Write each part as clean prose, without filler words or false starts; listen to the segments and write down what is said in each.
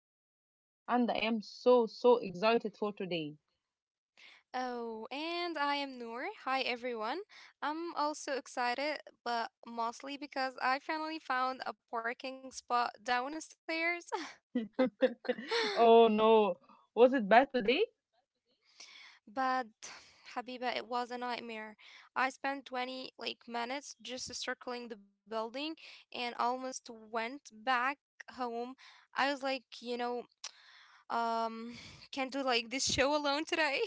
Habiba, and I am so, so, so excited so for today. Oh, and I am Noor. Hi, everyone. I'm also excited, but mostly because I finally found a parking spot downstairs. Oh no, was it bad today? But Habiba, it was a nightmare. I spent 20 minutes just circling the building and almost went back home. I was like, um can't do this show alone today.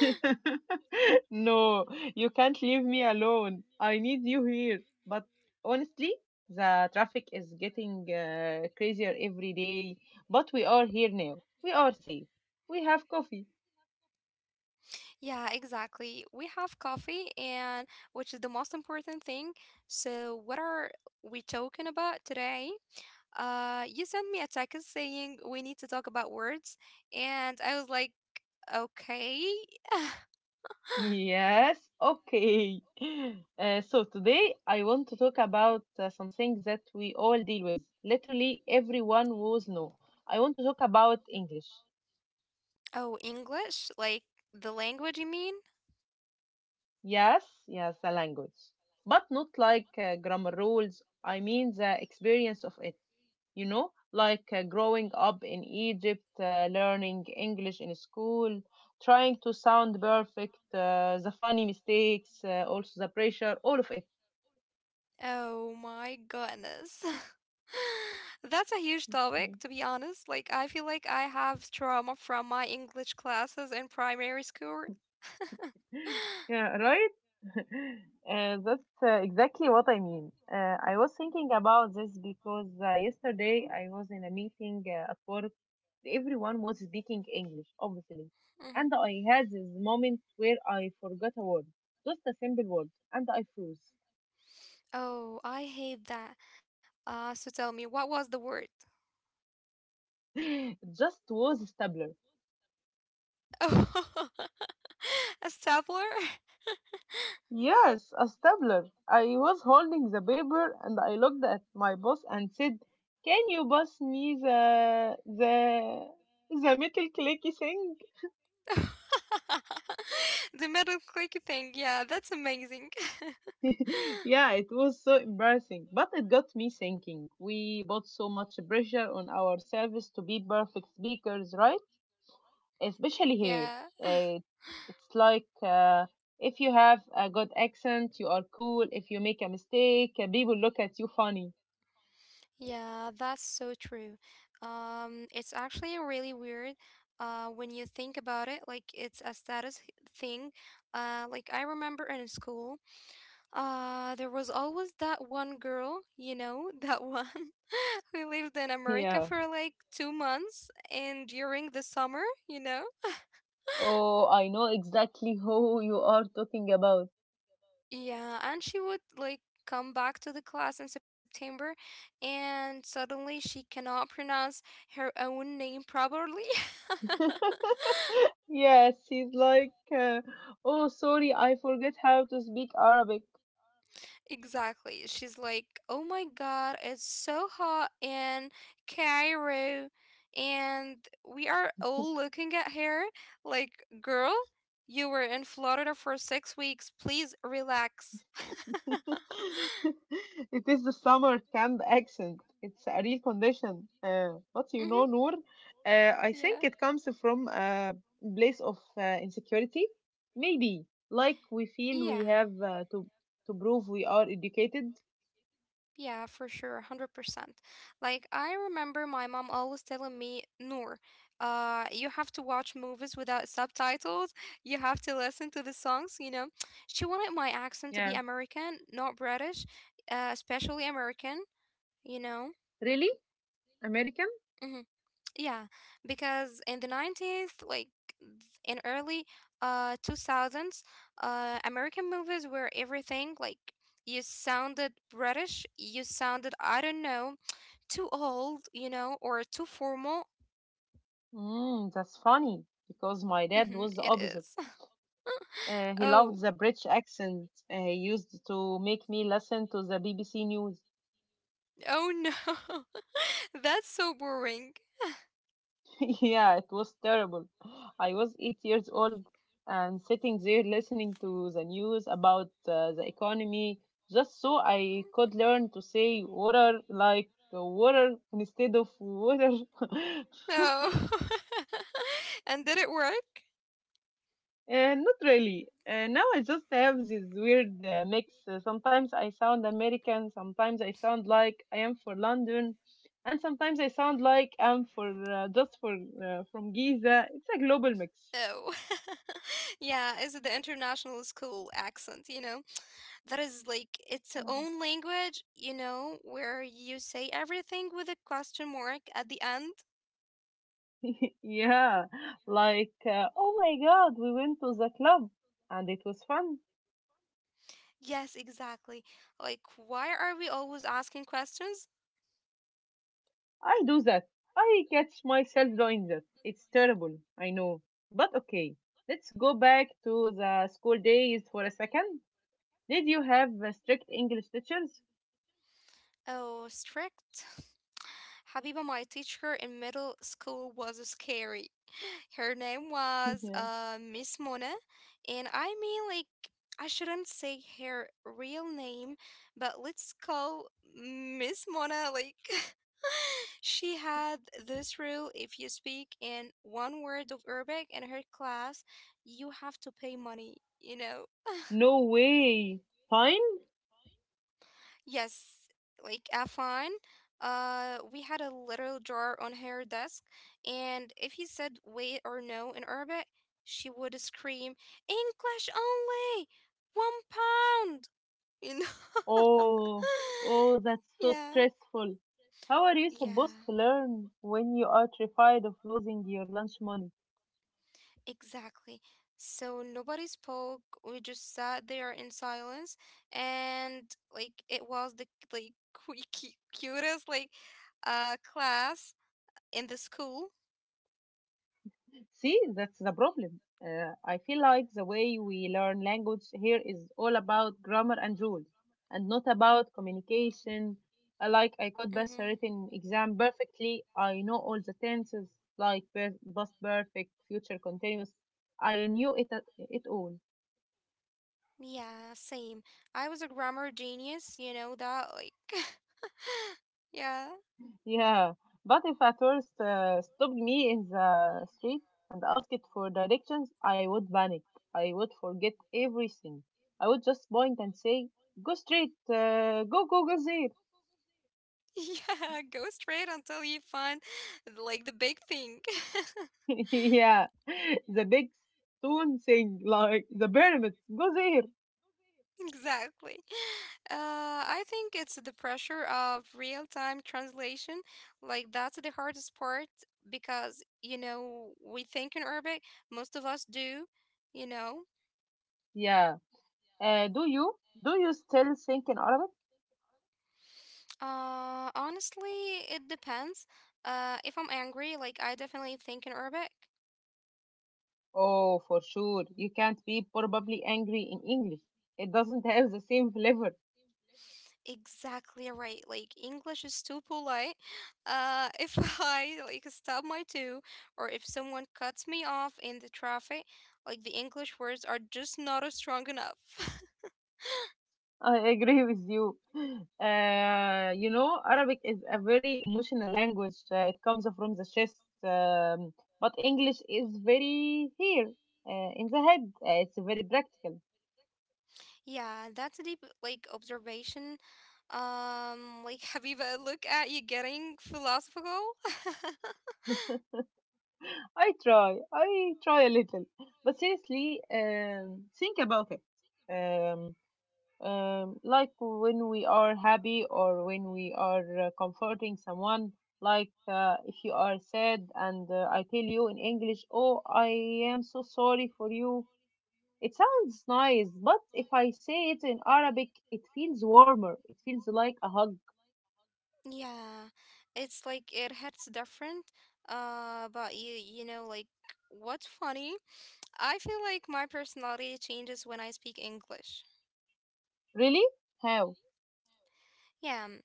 No, you can't leave me alone. I need you here. But honestly, the traffic is getting crazier every day. But we are here now. We are safe. We have coffee. Yeah, exactly. We have coffee and which is the most important thing. So what are we talking about today? You sent me a text saying we need to talk about words and I was like, okay. Yes, okay. So today I want to talk about something that we all deal with. Literally everyone was no. I want to talk about English. Oh, English? Like the language you mean? Yes, yes, the language. But not like grammar rules. I mean the experience of it, you know, like growing up in Egypt, learning English in school, trying to sound perfect, the funny mistakes, also the pressure, all of Oh my goodness. That's a huge topic, it. to be honest. Like, I feel like I have trauma from my English classes in primary school. Yeah, right? That's exactly what I mean. I was thinking about this because yesterday I was in a meeting at work. Everyone was speaking English, obviously. And Mhm. I had this moment where I forgot a word, just a simple word, and I froze. Oh, I hate that. So tell me, what was the word? It just was stable. Oh, a stapler? Yes, a stapler. I was holding the paper and I looked at my boss and said, "Can you pass me the metal clicky thing?" The metal clicky thing. Yeah, that's amazing. Yeah, it was so embarrassing, but it got me thinking. We put so much pressure on ourselves to be perfect speakers, right? Especially here. Yeah. Uh, it's like if you have a good accent, you are cool. If you make a mistake, people look at you funny. Yeah, that's so true. It's actually really weird when you think about it. Like, it's a thing. I remember in school, there was always that one girl, you know, that one who lived in America Yeah. for like 2 months and during the summer, you know? Oh, I know exactly who you are talking about. Yeah, and she would come back to the class in September and suddenly she cannot pronounce her own name properly. Yes, he's like, uh, oh, sorry, I forget how to speak Arabic. Exactly. She's like, "Oh my God, it's so hot in Cairo." And we are all looking at her like, "Girl, you were in Florida for 6 weeks. Please relax." It is the summer camp accent. It's a real condition. But you Mm-hmm. know, Noor, I Yeah. think it comes from a place of insecurity. Maybe, like we feel we Yeah. have to prove we are educated. Yeah, for sure, 100%. Like, I remember my mom always telling me, Noor, you have to watch movies without subtitles. You have to listen to the songs, you know. She wanted my accent to be Yeah. American, not British, especially American, you know. Really? America? Mm-hmm. Yeah, because in the 90s, th- in early 2000s, American movies were everything. Like, you sounded British, you sounded, I don't know, too old, you know, or too formal. Mm, that's funny because my dad Mm-hmm, was the it opposite. is. He loved Oh, the British accent, he used to make me listen to the BBC News. oh no. That's so boring. Yeah, it was terrible. I was 8 years old and sitting there listening to the news about the economy just so I could learn to say water like water instead of water. No. And did it work? Not really. Now I just have this weird mix. Sometimes I sound American, sometimes I sound like I am for London, and sometimes I sound like I'm for just for from Giza. It's a global mix. Oh, yeah, is the international school accent, you know? That is like its Uh, own language, you know, where you say everything with a question mark at the end. yeah, like oh my God, we went to the club and it was fun. Yes, exactly. Like, why are we always asking questions? I do that. I catch myself doing that. It's terrible, I know, but okay. Let's go back to the school days for a second. Did you have strict English teachers? Oh, strict. Habiba, my teacher in middle school was scary. Her name was Yeah. Miss Mona, and I mean, like, I shouldn't say her real name, but let's call Miss Mona, like, she had this rule: if you speak in one word of Arabic in her class, you have to pay money, you know? No way. Fine? Yes, like Afan. We had a little drawer on her desk, and if he said wait or no in Arabic, she would scream, English only! £1! You know? Oh, oh, that's so yeah, stressful. How are you supposed yeah, to learn when you are terrified of losing your lunch money? exactly. So nobody spoke. We just sat there in silence, and like it was the like cutest class in the school. See, that's the problem. I feel like the way I feel we like the way learn language we learn here is all about language here grammar is all and about rules, grammar, and, and not about and not about communication. communication. Like I could I pass a Mm-hmm. am perfect. written exam I perfectly. didn't. I know I all knew the tenses, like past perfect, future continuous. I knew it, it it at all. first. Yeah, same. I was a grammar genius, you know that, like, yeah. Yeah, but if a tourist stopped me in For me, the in the, street and the asked it for directions, lectures, I would panic. I I would forget would like I would get every. I would everything. just I would point just point at, and go, go, say, "Go straight, go, go, go there." go. Yeah, go straight until you find like the big thing. Yeah, the big stone thing, like the pyramids. Go there. Exactly. I think it's the pressure of real time translation. Like, that's the hardest part because, you know, we think in Arabic, most of us do, you know. Yeah. Uh, do you do you still think in Arabic? Honestly, it depends. If I'm angry, like, I definitely think in Arabic. Oh, for sure. You can't be probably angry in English. It doesn't have the same flavor. Exactly right. Like, English is too polite. If I like stop my two, or if someone cuts me off in the traffic, like the English words are just not as strong enough. I agree with you. You know, Arabic is a very emotional language. It comes from the chest, but English is very here in the head. It's very practical. Yeah, that's a deep like observation. Like have Habiba, look at you getting philosophical. I try a little, but seriously, think about it. Um, like when we are happy or when we are comforting someone like if you are sad and I tell you in english oh I am so sorry for you it sounds nice but if I say it in arabic it feels warmer it feels like a hug. Yeah, it's like it hits different. But, you know, what's funny? I feel like my personality changes when I speak English. Really? How? Yeah,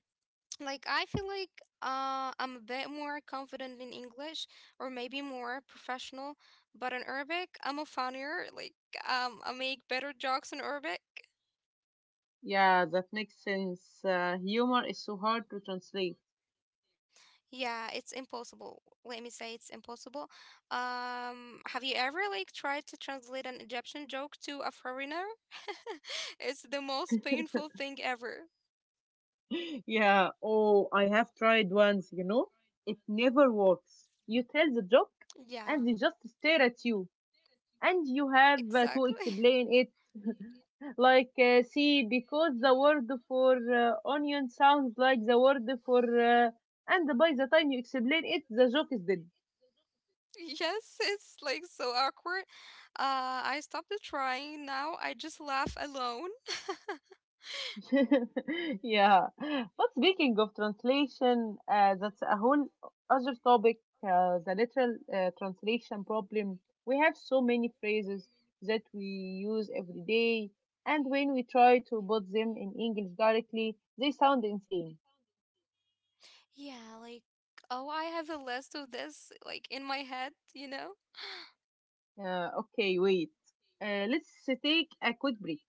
like I feel like I'm a bit more confident in English or maybe more professional, but in Arabic I'm a funnier. Like I make better jokes in Arabic. Yeah, that makes sense. Humor is so hard to translate. Yeah, it's impossible. Let me say it's impossible. Have you ever like tried to translate an Egyptian joke to a foreigner? It's the most painful thing ever. Yeah. Oh, I have tried once, you know. It never works. You tell the joke Yeah, and they just stare at you and you have to exactly. explain it. Like see, because the word for onion sounds like the word for and by the time you explain it, the joke is dead. Yes, it's like so awkward. I stopped trying now. I just laugh alone. Yeah. But speaking of translation, that's a whole other topic. The literal translation problem. We have so many phrases that we use every day, and when we try to put them in English directly, they sound insane. Yeah, like oh, I have a list of this like in my head, you know? Okay, wait. Let's take a quick break.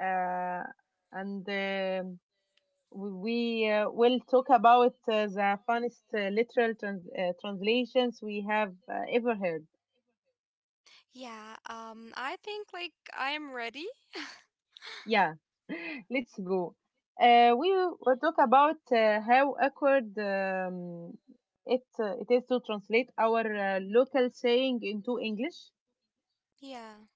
Uh, and we will talk about the funniest literal translations we have ever heard. Yeah, I think like I am ready. Yeah, let's go. We will talk about how awkward it is to translate our local saying into English. Yeah.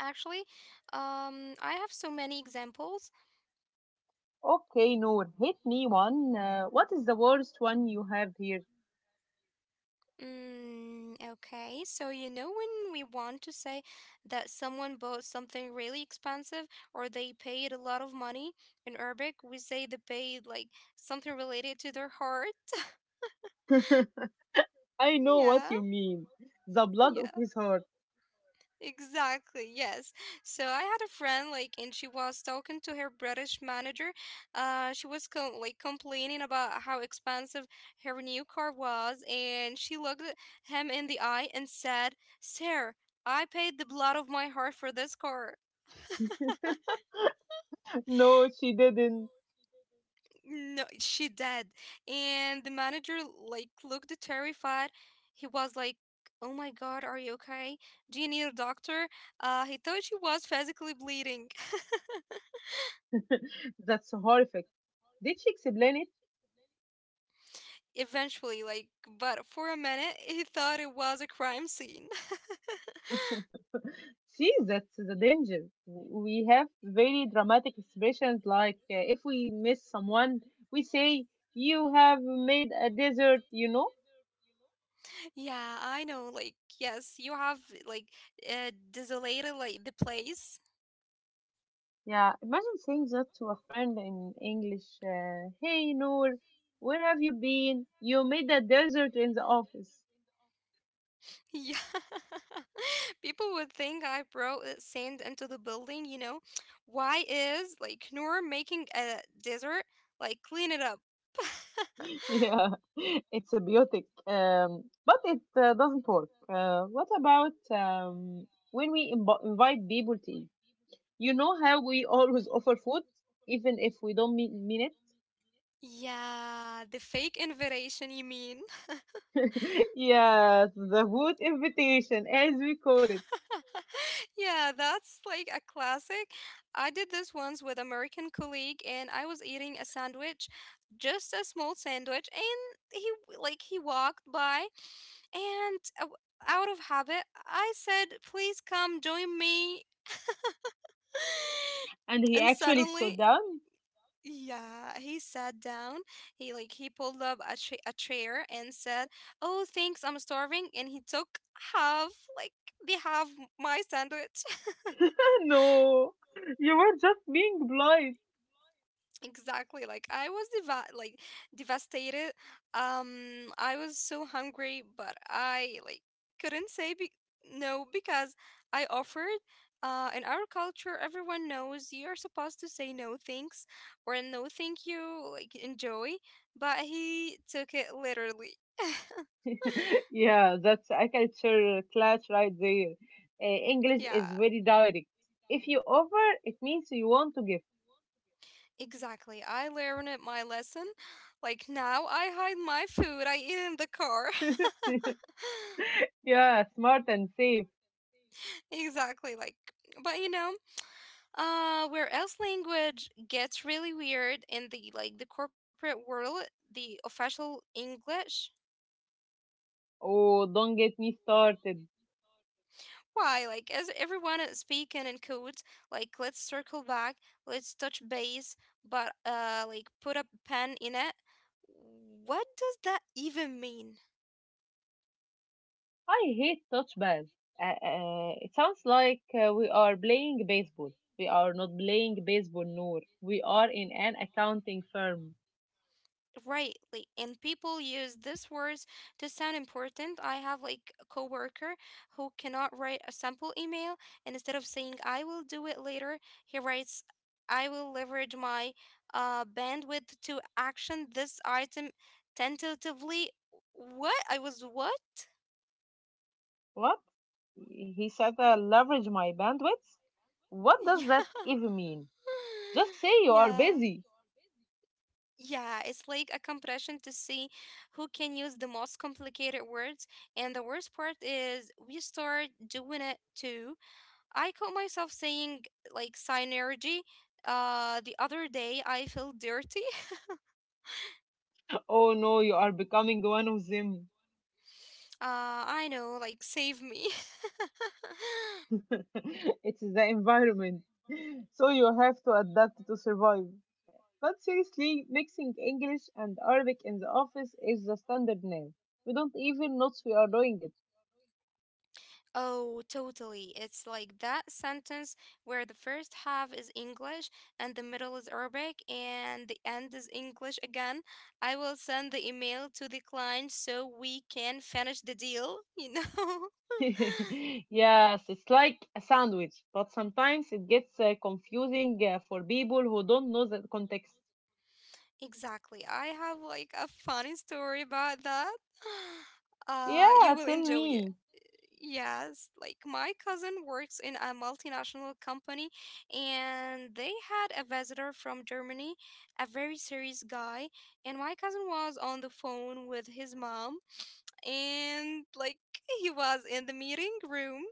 Actually, I have so many examples. Okay, Noor, hit me one. What is the worst one you have here? Mm, okay. So you know when we want to say that someone bought something really expensive or they paid a lot of money in Arabic, we say they paid like something related to their heart. I know what Yeah. you mean. The blood of his heart. Exactly, yes. So I had a friend like and she was talking to her British manager. She was complaining about how expensive her new car was and she looked at him in the eye and said, "Sir, I paid the blood of my heart for this car." No, she didn't. No, she did. And the manager like looked terrified. He was like, "Oh my God, are you okay? Do you need a doctor?" He thought she was physically bleeding. That's horrific. Did she explain it? Eventually, like, but for a minute, he thought it was a crime scene. See, that's the danger. We have very dramatic expressions like if we miss someone, we say, you have made a desert, you know? Yeah, I know. Like, yes, you have like desolated like the place. Yeah, imagine saying that to a friend in English. Hey, Noor, where have you been? You made a desert in the office. Yeah. People would think I brought sand into the building, you know? Why is like Noor making a desert? Like, clean it up. Yeah, it's a beautic, but it doesn't work. What about when we imbo invite people to eat? You know how we always offer food, even if we don't mean Yeah, the fake invitation, you mean? it? Yes, the food invitation, as we call it. Yeah, that's like a classic. I did this once with American colleague and I was eating a sandwich, just a small sandwich, and he w- like he walked by and out of habit I said, "Please come join me." And he And actually sat suddenly, down? yeah, he sat down. He pulled up a chair and said, "Oh, thanks, I'm starving." And he took half, like the half my sandwich. No, you were just being polite. Exactly. Like, I was devastated. I was so hungry, but I like couldn't say be no because I offered. In our culture, everyone knows you're supposed to say no thanks or no thank you, like enjoy. But he took it literally. Yeah, that's a culture clash right there. English Yeah, is very direct. If you offer, it means you want to give. exactly. My lesson. Like, now I hide my food. I eat in the car. Yeah, smart and safe. Exactly. Like, but you know. Where else language gets really weird in the corporate world, the official English. Oh, don't get me started. Why? Like, as everyone is speaking in codes, like let's circle back, let's touch base, but like put a pen in it. What does that even mean? I hate touch bass. It sounds like we are playing baseball. We are not playing baseball, Noor. We are in an accounting firm. Right, like, and people use these words to sound important. I have like a coworker who cannot write a simple email, and instead of saying "I will do it later," he writes, "I will leverage my bandwidth to action this item tentatively." What? I was what? What? He said, leverage my bandwidth? What does that Yeah. even mean? Just say you are Yeah. busy. Yeah, it's like a compression to see who can use the most complicated words. And the worst part is we start doing it too. I caught myself saying like synergy. The other day I feel dirty. Oh no, you are becoming one of them. I know, like save me. It is the environment. So you have to adapt to survive. But seriously, mixing English and Arabic in the office is the standard now. We don't even notice we are doing it. Oh, totally. It's like that sentence where the first half is English and the middle is Arabic and the end is English again. I will send the email to the client so we can finish the deal, you know? Yes, it's like a sandwich, but sometimes it gets confusing for people who don't know the context. Exactly. I have like a funny story about that. You Yeah, will tell enjoy it. me. Yes, like my cousin works in a multinational company and they had a visitor from Germany, a very serious guy, and my cousin was on the phone with his mom and like he was in the meeting room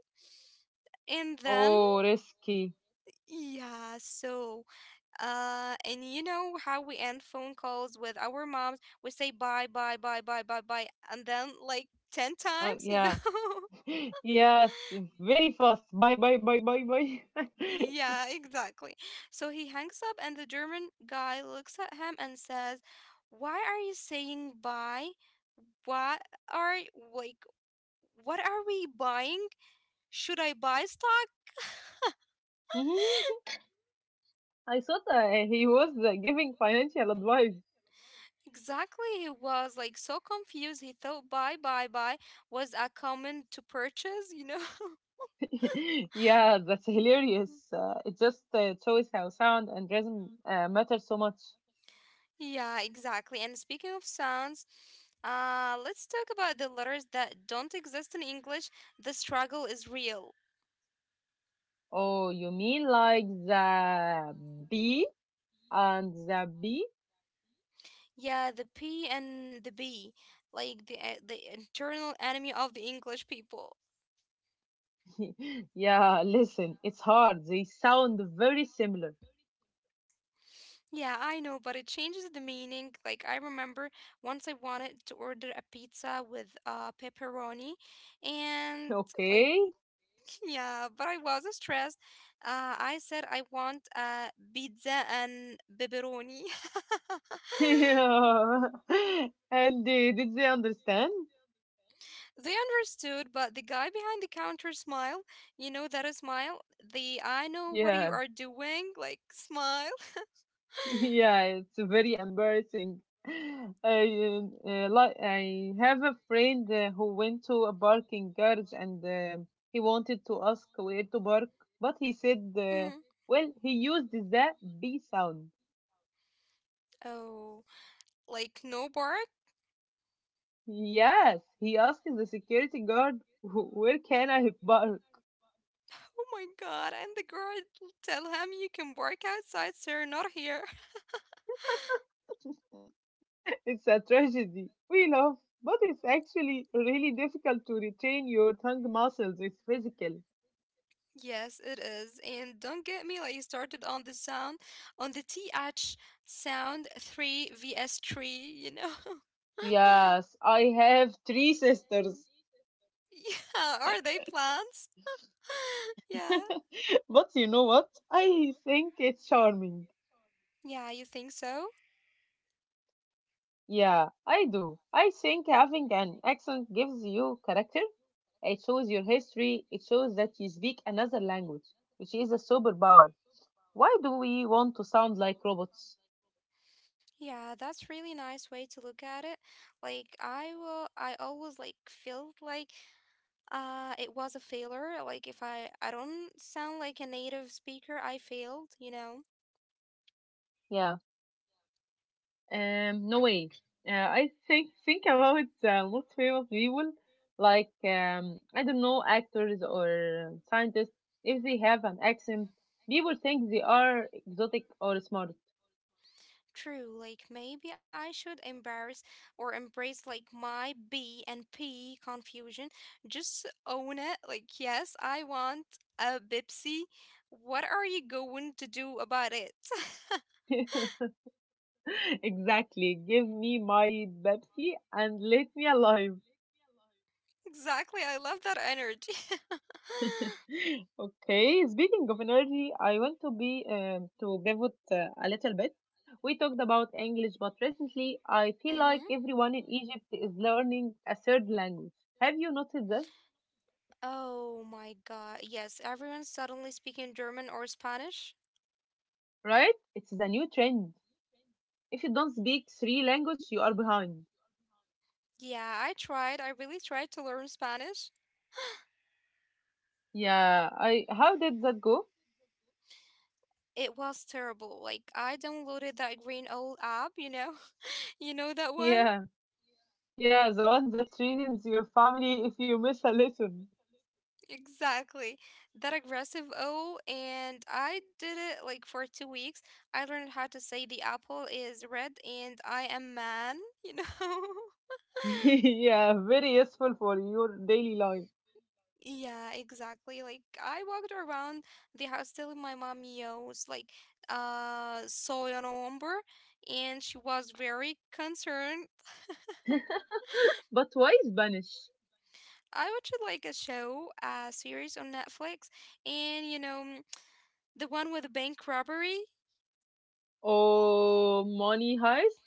and then Oh, risky. yeah, so and you know how we end phone calls with our moms, we say bye bye bye bye bye bye and then like 10 times, Oh, you know. yeah. Yes, very fast. Bye, bye, bye, bye, bye. Yeah, exactly. So he hangs up, and the German guy looks at him and says, Why are you saying bye? What are, like, what are we buying? Should I buy stock? Mhm. I thought he was giving financial advice. Exactly. He was like so confused. He thought buy, buy, buy was a command to purchase, you know? Yeah, that's hilarious. It just shows how sound and rhythm matter so much. Yeah, exactly. And speaking of sounds, let's talk about the letters that don't exist in English. The struggle is real. Oh, you mean like the B and the B? Yeah, the P and the B, like the internal enemy of the English people. Yeah, listen, it's hard. They sound very similar. Yeah, I know, but it changes the meaning. Like I remember once I wanted to order a pizza with pepperoni, and like Okay. yeah, but I was stressed. I said I want a pizza and pepperoni. Yeah. And did they understand? They understood, but the guy behind the counter smile, you know that a smile? The I know what you Yeah. are doing, like smile. Yeah, it's very embarrassing. Like I have a friend who went to a parking garage and he wanted to ask where to park, but he said, Mhm. well, he used the B sound. Oh, like no bark? Yes, he asked the security guard, Where can I park? Oh my god, and the girl tell him you can bark outside, sir, not here. It's a tragedy. We laugh, but it's actually really difficult to retain your tongue muscles. It's physical. Yes, it is. And don't get me like you started on the sound, on the TH sound 3 vs 3, you know? Yes, I have three sisters. Yeah, are they plants? Yeah. But you know what? I think it's charming. Yeah, you think so? Yeah, I do. I think having an accent gives you character. It shows your history. It shows that you speak another language, which is a superpower. Why do we want to sound like robots? Yeah, that's really nice way to look at it. Like I always like felt like it was a failure. Like if I don't sound like a native speaker, I failed, you know? Yeah. Um, no way. I think about most famous people, like I don't know, actors or scientists. If they have an accent, people think they are exotic or smart. True, like maybe I should embarrass or embrace like my B and P confusion. Just own it. Like yes, I want a Bipsy. What are you going to do about it? Exactly. Give me my Pepsi and let me alive. Exactly. I love that energy. Okay, speaking of energy, I want to be to pivot a little bit. We talked about English, but recently I feel like Mm-hmm. everyone in Egypt is learning a third language. Have you noticed this? Oh my God. Yes, everyone's suddenly speaking German or Spanish. Right? It's a new trend. If you don't speak three languages, you are behind. Yeah, I tried. I really tried to learn Spanish. Yeah, I how did that go? It was terrible. Like, I downloaded that green old app, You know that one? Yeah. Yeah, the one that threatens your family if you miss a lesson. Exactly. That aggressive O, and I did it like for two weeks. I learned how to say the apple is red and I am man, you know? Yeah, very useful for your daily life. Yeah, exactly. Like I walked around the house telling my mom yos like saw your number and she was very concerned. But why Spanish? I watched like a show, a series on Netflix and the one with the bank robbery. Oh, money heist?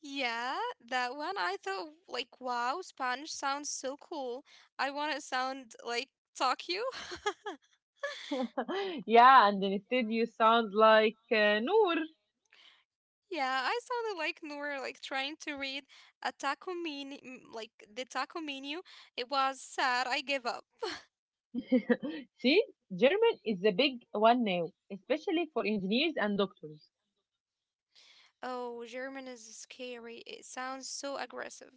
Yeah, that one I thought like wow, Spanish sounds so cool. I want to sound like Tokyo. Yeah, and instead you sound like Noor. Yeah, I sounded like Noor, like trying to read a taco menu, like the taco menu. It was sad. I gave up. See, German is the big one now, especially for engineers and doctors. Oh, German is scary. It sounds so aggressive.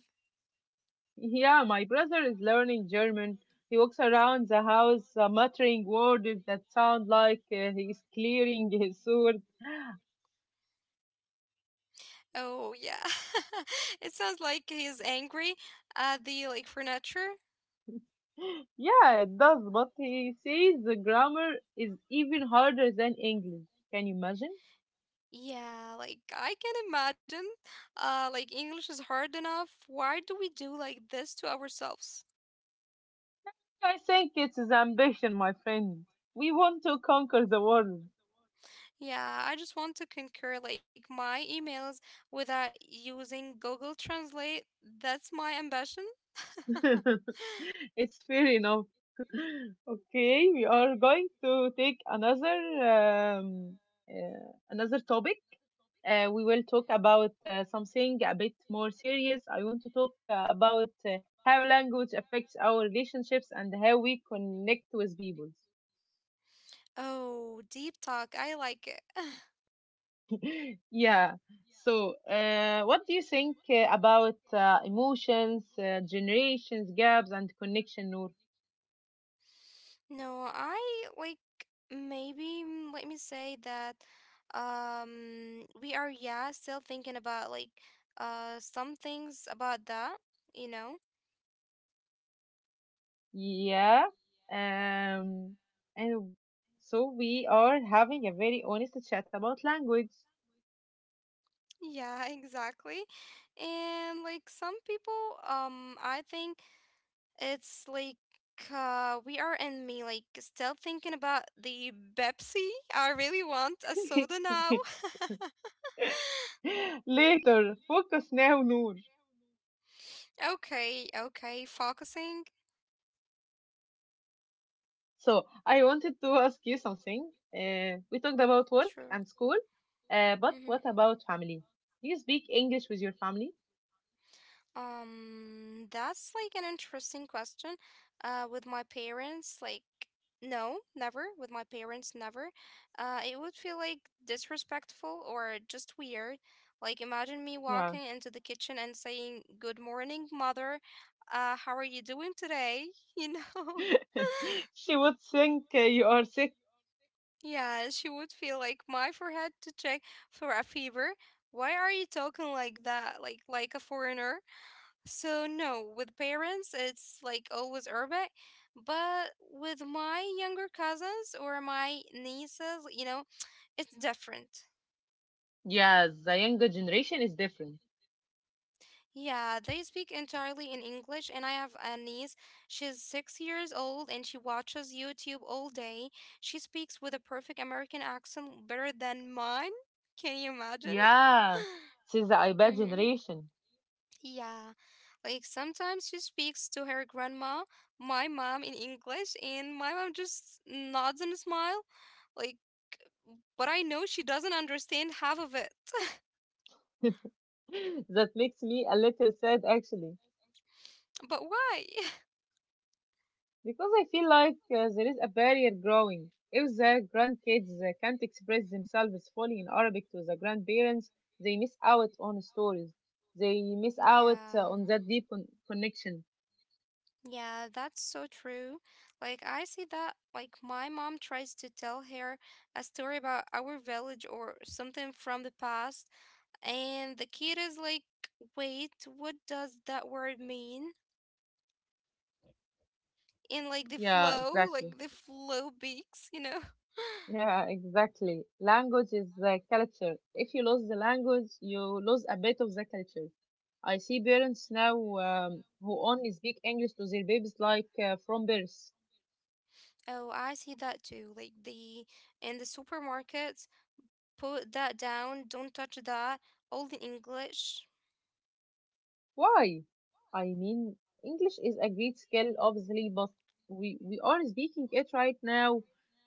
Yeah, my brother is learning German. He walks around the house muttering words that sound like he's clearing his sword. Oh, yeah. It sounds like he's angry at the like furniture. Yeah, it does, but he says the grammar is even harder than English. Can you imagine? Yeah, like I can imagine. Like English is hard enough. Why do we do like this to ourselves? I think it's his ambition, my friend. We want to conquer the world. Yeah, I just want to concur like my emails without using Google Translate. That's my ambition. It's fair enough. Okay, we are going to take another um, another topic. We will talk about something a bit more serious. I want to talk about how language affects our relationships and how we connect with people. Oh, deep talk. I like it. Yeah. So, what do you think about emotions, generations, gaps, and connection, Noor? No, I like maybe let me say that we are yeah still thinking about like some things about that, you know? Yeah. Um, and so we are having a very honest chat about language. Yeah, exactly. And like some people I think it's like we are in me, like still thinking about the Pepsi. I really want a soda now. Later, focus now, Noor. Okay, okay, focusing. So, I wanted to ask you something. We talked about work Sure. and school, but what about family? Do you speak English with your family? That's like an interesting question. With my parents, like, no, never. With my parents, never. It would feel like disrespectful or just weird. Like, imagine me walking into the kitchen and saying, "Good morning, mother. How are you doing today?" You know? She would think you are sick. Yeah, she would feel like my forehead to check for a fever. Why are you talking like that? Like a foreigner? So no, with parents it's like always urban, but with my younger cousins or my nieces, you know, it's different. Yes, the younger generation is different. Yeah, they speak entirely in English, and I have a niece. She's six years old and she watches YouTube all day. She speaks with a perfect American accent better than mine. Can you imagine? Yeah, she's the iPad Mm-hmm. generation. Yeah, like sometimes she speaks to her grandma, my mom in English, and my mom just nods and smile. Like, but I know she doesn't understand half of it. That makes me a little sad actually, But why? because I feel like there is a barrier growing. If the grandkids can't express themselves fully in Arabic to the grandparents, they miss out on stories. They miss out Yeah, on that connection. yeah, that's so true. Like, I see that, like, my mom tries to tell her a story about our village or something from the past, and the kid is like, wait, what does that word mean? In Yeah, exactly. like the flow beaks, you know. Yeah, exactly. Language is the culture. If you lose the language, you lose a bit of the culture. I see parents now who only speak English to their babies like from birth. Oh, I see that too. Like the in the supermarkets, put that down, don't touch that. All the English. Why? I mean, English is a great skill, obviously, but we are speaking it right now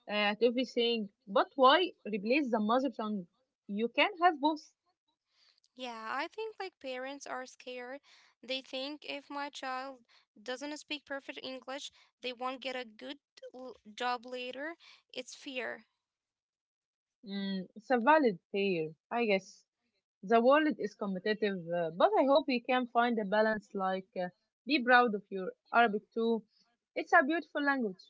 at everything. But why replace the mother tongue? You can have both. Yeah, I think like parents are scared. They think if my child doesn't speak perfect English, they won't get a good job later. It's fear. Mm, it's a valid pair, I guess. The world is competitive, but I hope we can find a balance like be proud of your Arabic too. It's a beautiful language.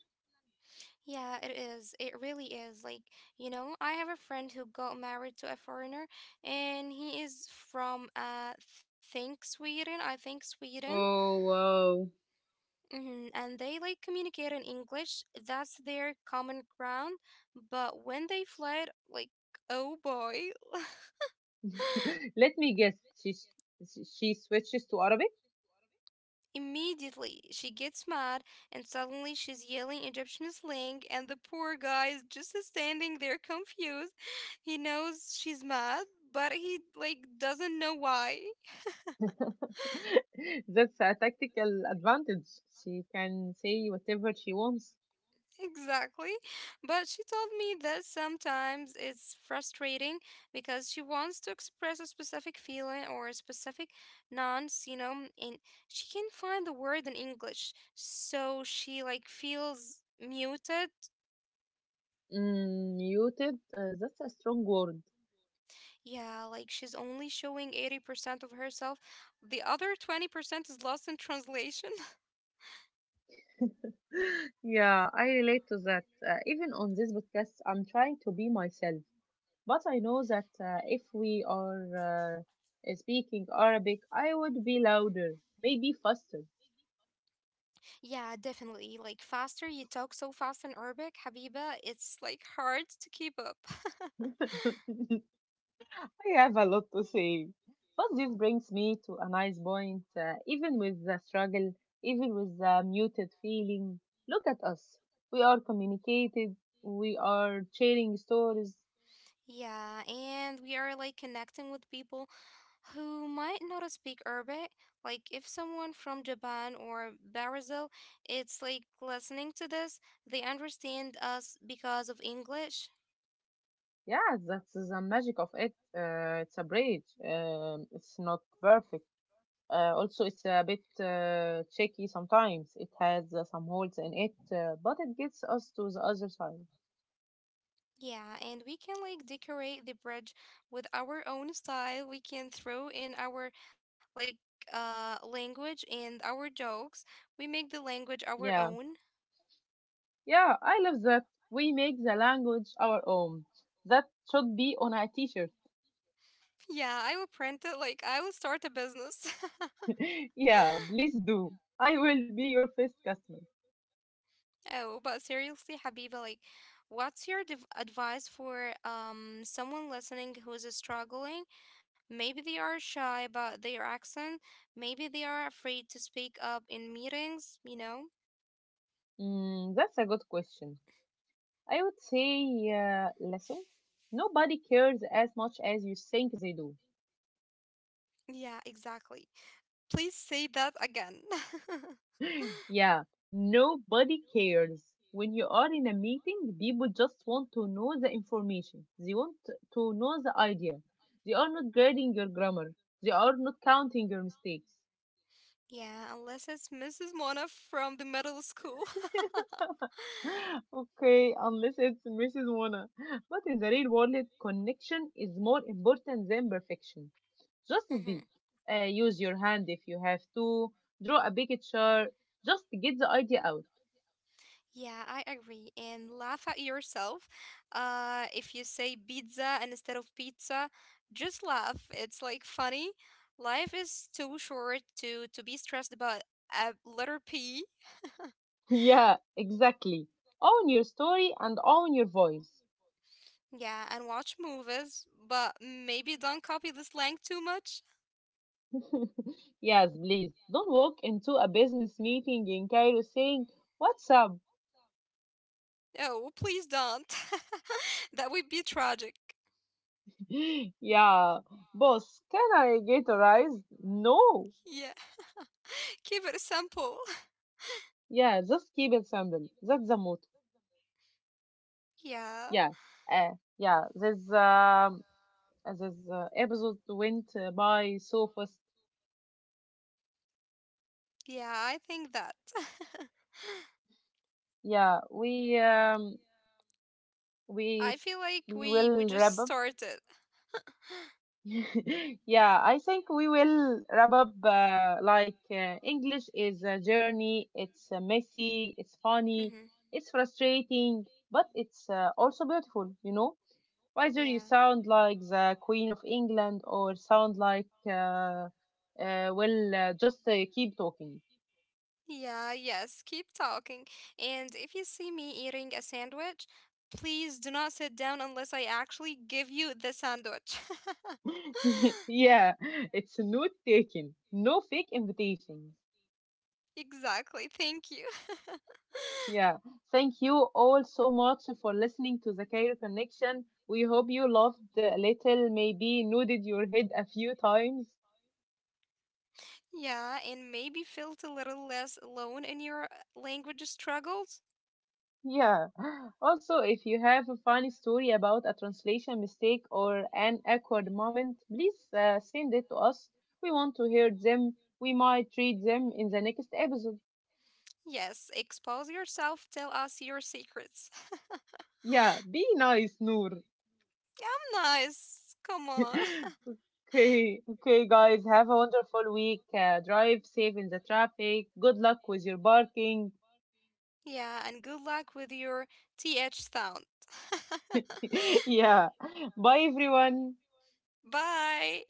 Yeah, it is. It really is. Like, you know, I have a friend who got married to a foreigner and he is from think Sweden, I think Sweden. Oh, wow. Hmm. And they like communicate in English. That's their common ground. But when they fled, like, oh boy, Let me guess. She switches to Arabic? immediately, she gets mad, and suddenly she's yelling Egyptian slang, and the poor guy is just standing there confused. He knows she's mad, but he like doesn't know why. That's a tactical advantage. She can say whatever she wants. Exactly. But she told me that sometimes it's frustrating because she wants to express a specific feeling or a specific nonce, you know, and she can't find the word in English, so she like feels muted. Mm, muted, that's a strong word. Yeah, like she's only showing 80% of herself. The other 20% is lost in translation. Yeah, I relate to that. Even on this podcast, I'm trying to be myself. But I know that if we are speaking Arabic, I would be louder, maybe faster. Yeah, definitely. Like, faster you talk so fast in Arabic, Habiba, it's like hard to keep up. I have a lot to say. But this brings me to a nice point. Even with the struggle, even with the muted feeling, look at us. We are communicated, we are sharing stories. Yeah, and we are like connecting with people who might not speak Arabic. Like, if someone from Japan or Brazil, it's like listening to this, they understand us because of English. Yeah, that's the magic of it. It's a bridge. It's not perfect. Also, it's a bit tricky sometimes. It has some holes in it, but it gets us to the other side. Yeah, and we can like decorate the bridge with our own style. We can throw in our like language and our jokes. We make the language our Yeah, own. yeah, I love that. We make the language our own. That should be on a t-shirt. Yeah, I will print it like I will start a business. Yeah, please do. I will be your first customer. Oh, but seriously, Habiba, like what's your div advice for someone listening who's struggling? Maybe they are shy about their accent. Maybe they are afraid to speak up in meetings, you know? Mm, that's a good question. I would say, listen, nobody cares as much as you think they do. Yeah, exactly. Please say that again. Yeah, nobody cares. When you are in a meeting, people just want to know the information. They want to know the idea. They are not grading your grammar. They are not counting your mistakes. Yeah, unless it's Mrs. Mona from the middle school. Okay, unless it's Mrs. Mona. But in the real world, connection is more important than perfection. Just speak. Hmm. Use your hand if you have to. Draw a picture. Just get the idea out. Yeah, I agree. And laugh at yourself. If you say pizza instead of pizza, just laugh. It's like funny. Life is too short to be stressed about a letter P. Yeah, exactly. Own your story and own your voice. Yeah, and watch movies, but maybe don't copy the slang too much. Yes, please. Don't walk into a business meeting in Cairo saying, "What's up?" Oh, please don't. That would be tragic. Yeah, boss, can I get a rise? No. Yeah. Keep it simple. Yeah, just keep it simple. That's the motto. Yeah, Yeah. Yeah, this episode went by so fast. yeah, I think that. Yeah, we I feel like we we will wrap just up. started. Yeah, I think we will wrap up. English is a journey. It's messy, it's funny, Hmm. it's frustrating, but it's also beautiful, you know? Whether you Yeah. sound like the Queen of England or sound like, well, just keep talking. Yeah, yes, keep talking. And if you see me eating a sandwich, please do not sit down unless I actually give you the sandwich. Yeah, it's note taking. No fake invitations. Exactly, thank you. Yeah, thank you all so much for listening to the Cairo Connection. We hope you loved a little, maybe nodded your head a few times. Yeah, and maybe felt a little less alone in your language struggles. Yeah. Also, if you have a funny story about a translation mistake or an awkward moment, please send it to us. We want to hear them. We might read them in the next episode. Yes, expose yourself, tell us your secrets. Yeah, be nice, Noor. Yeah, I'm nice. Come on. Okay, okay, guys, have a wonderful week. Drive safe in the traffic. Good luck with your barking. Yeah, and good luck with your TH sound. Yeah. Bye, everyone. Bye.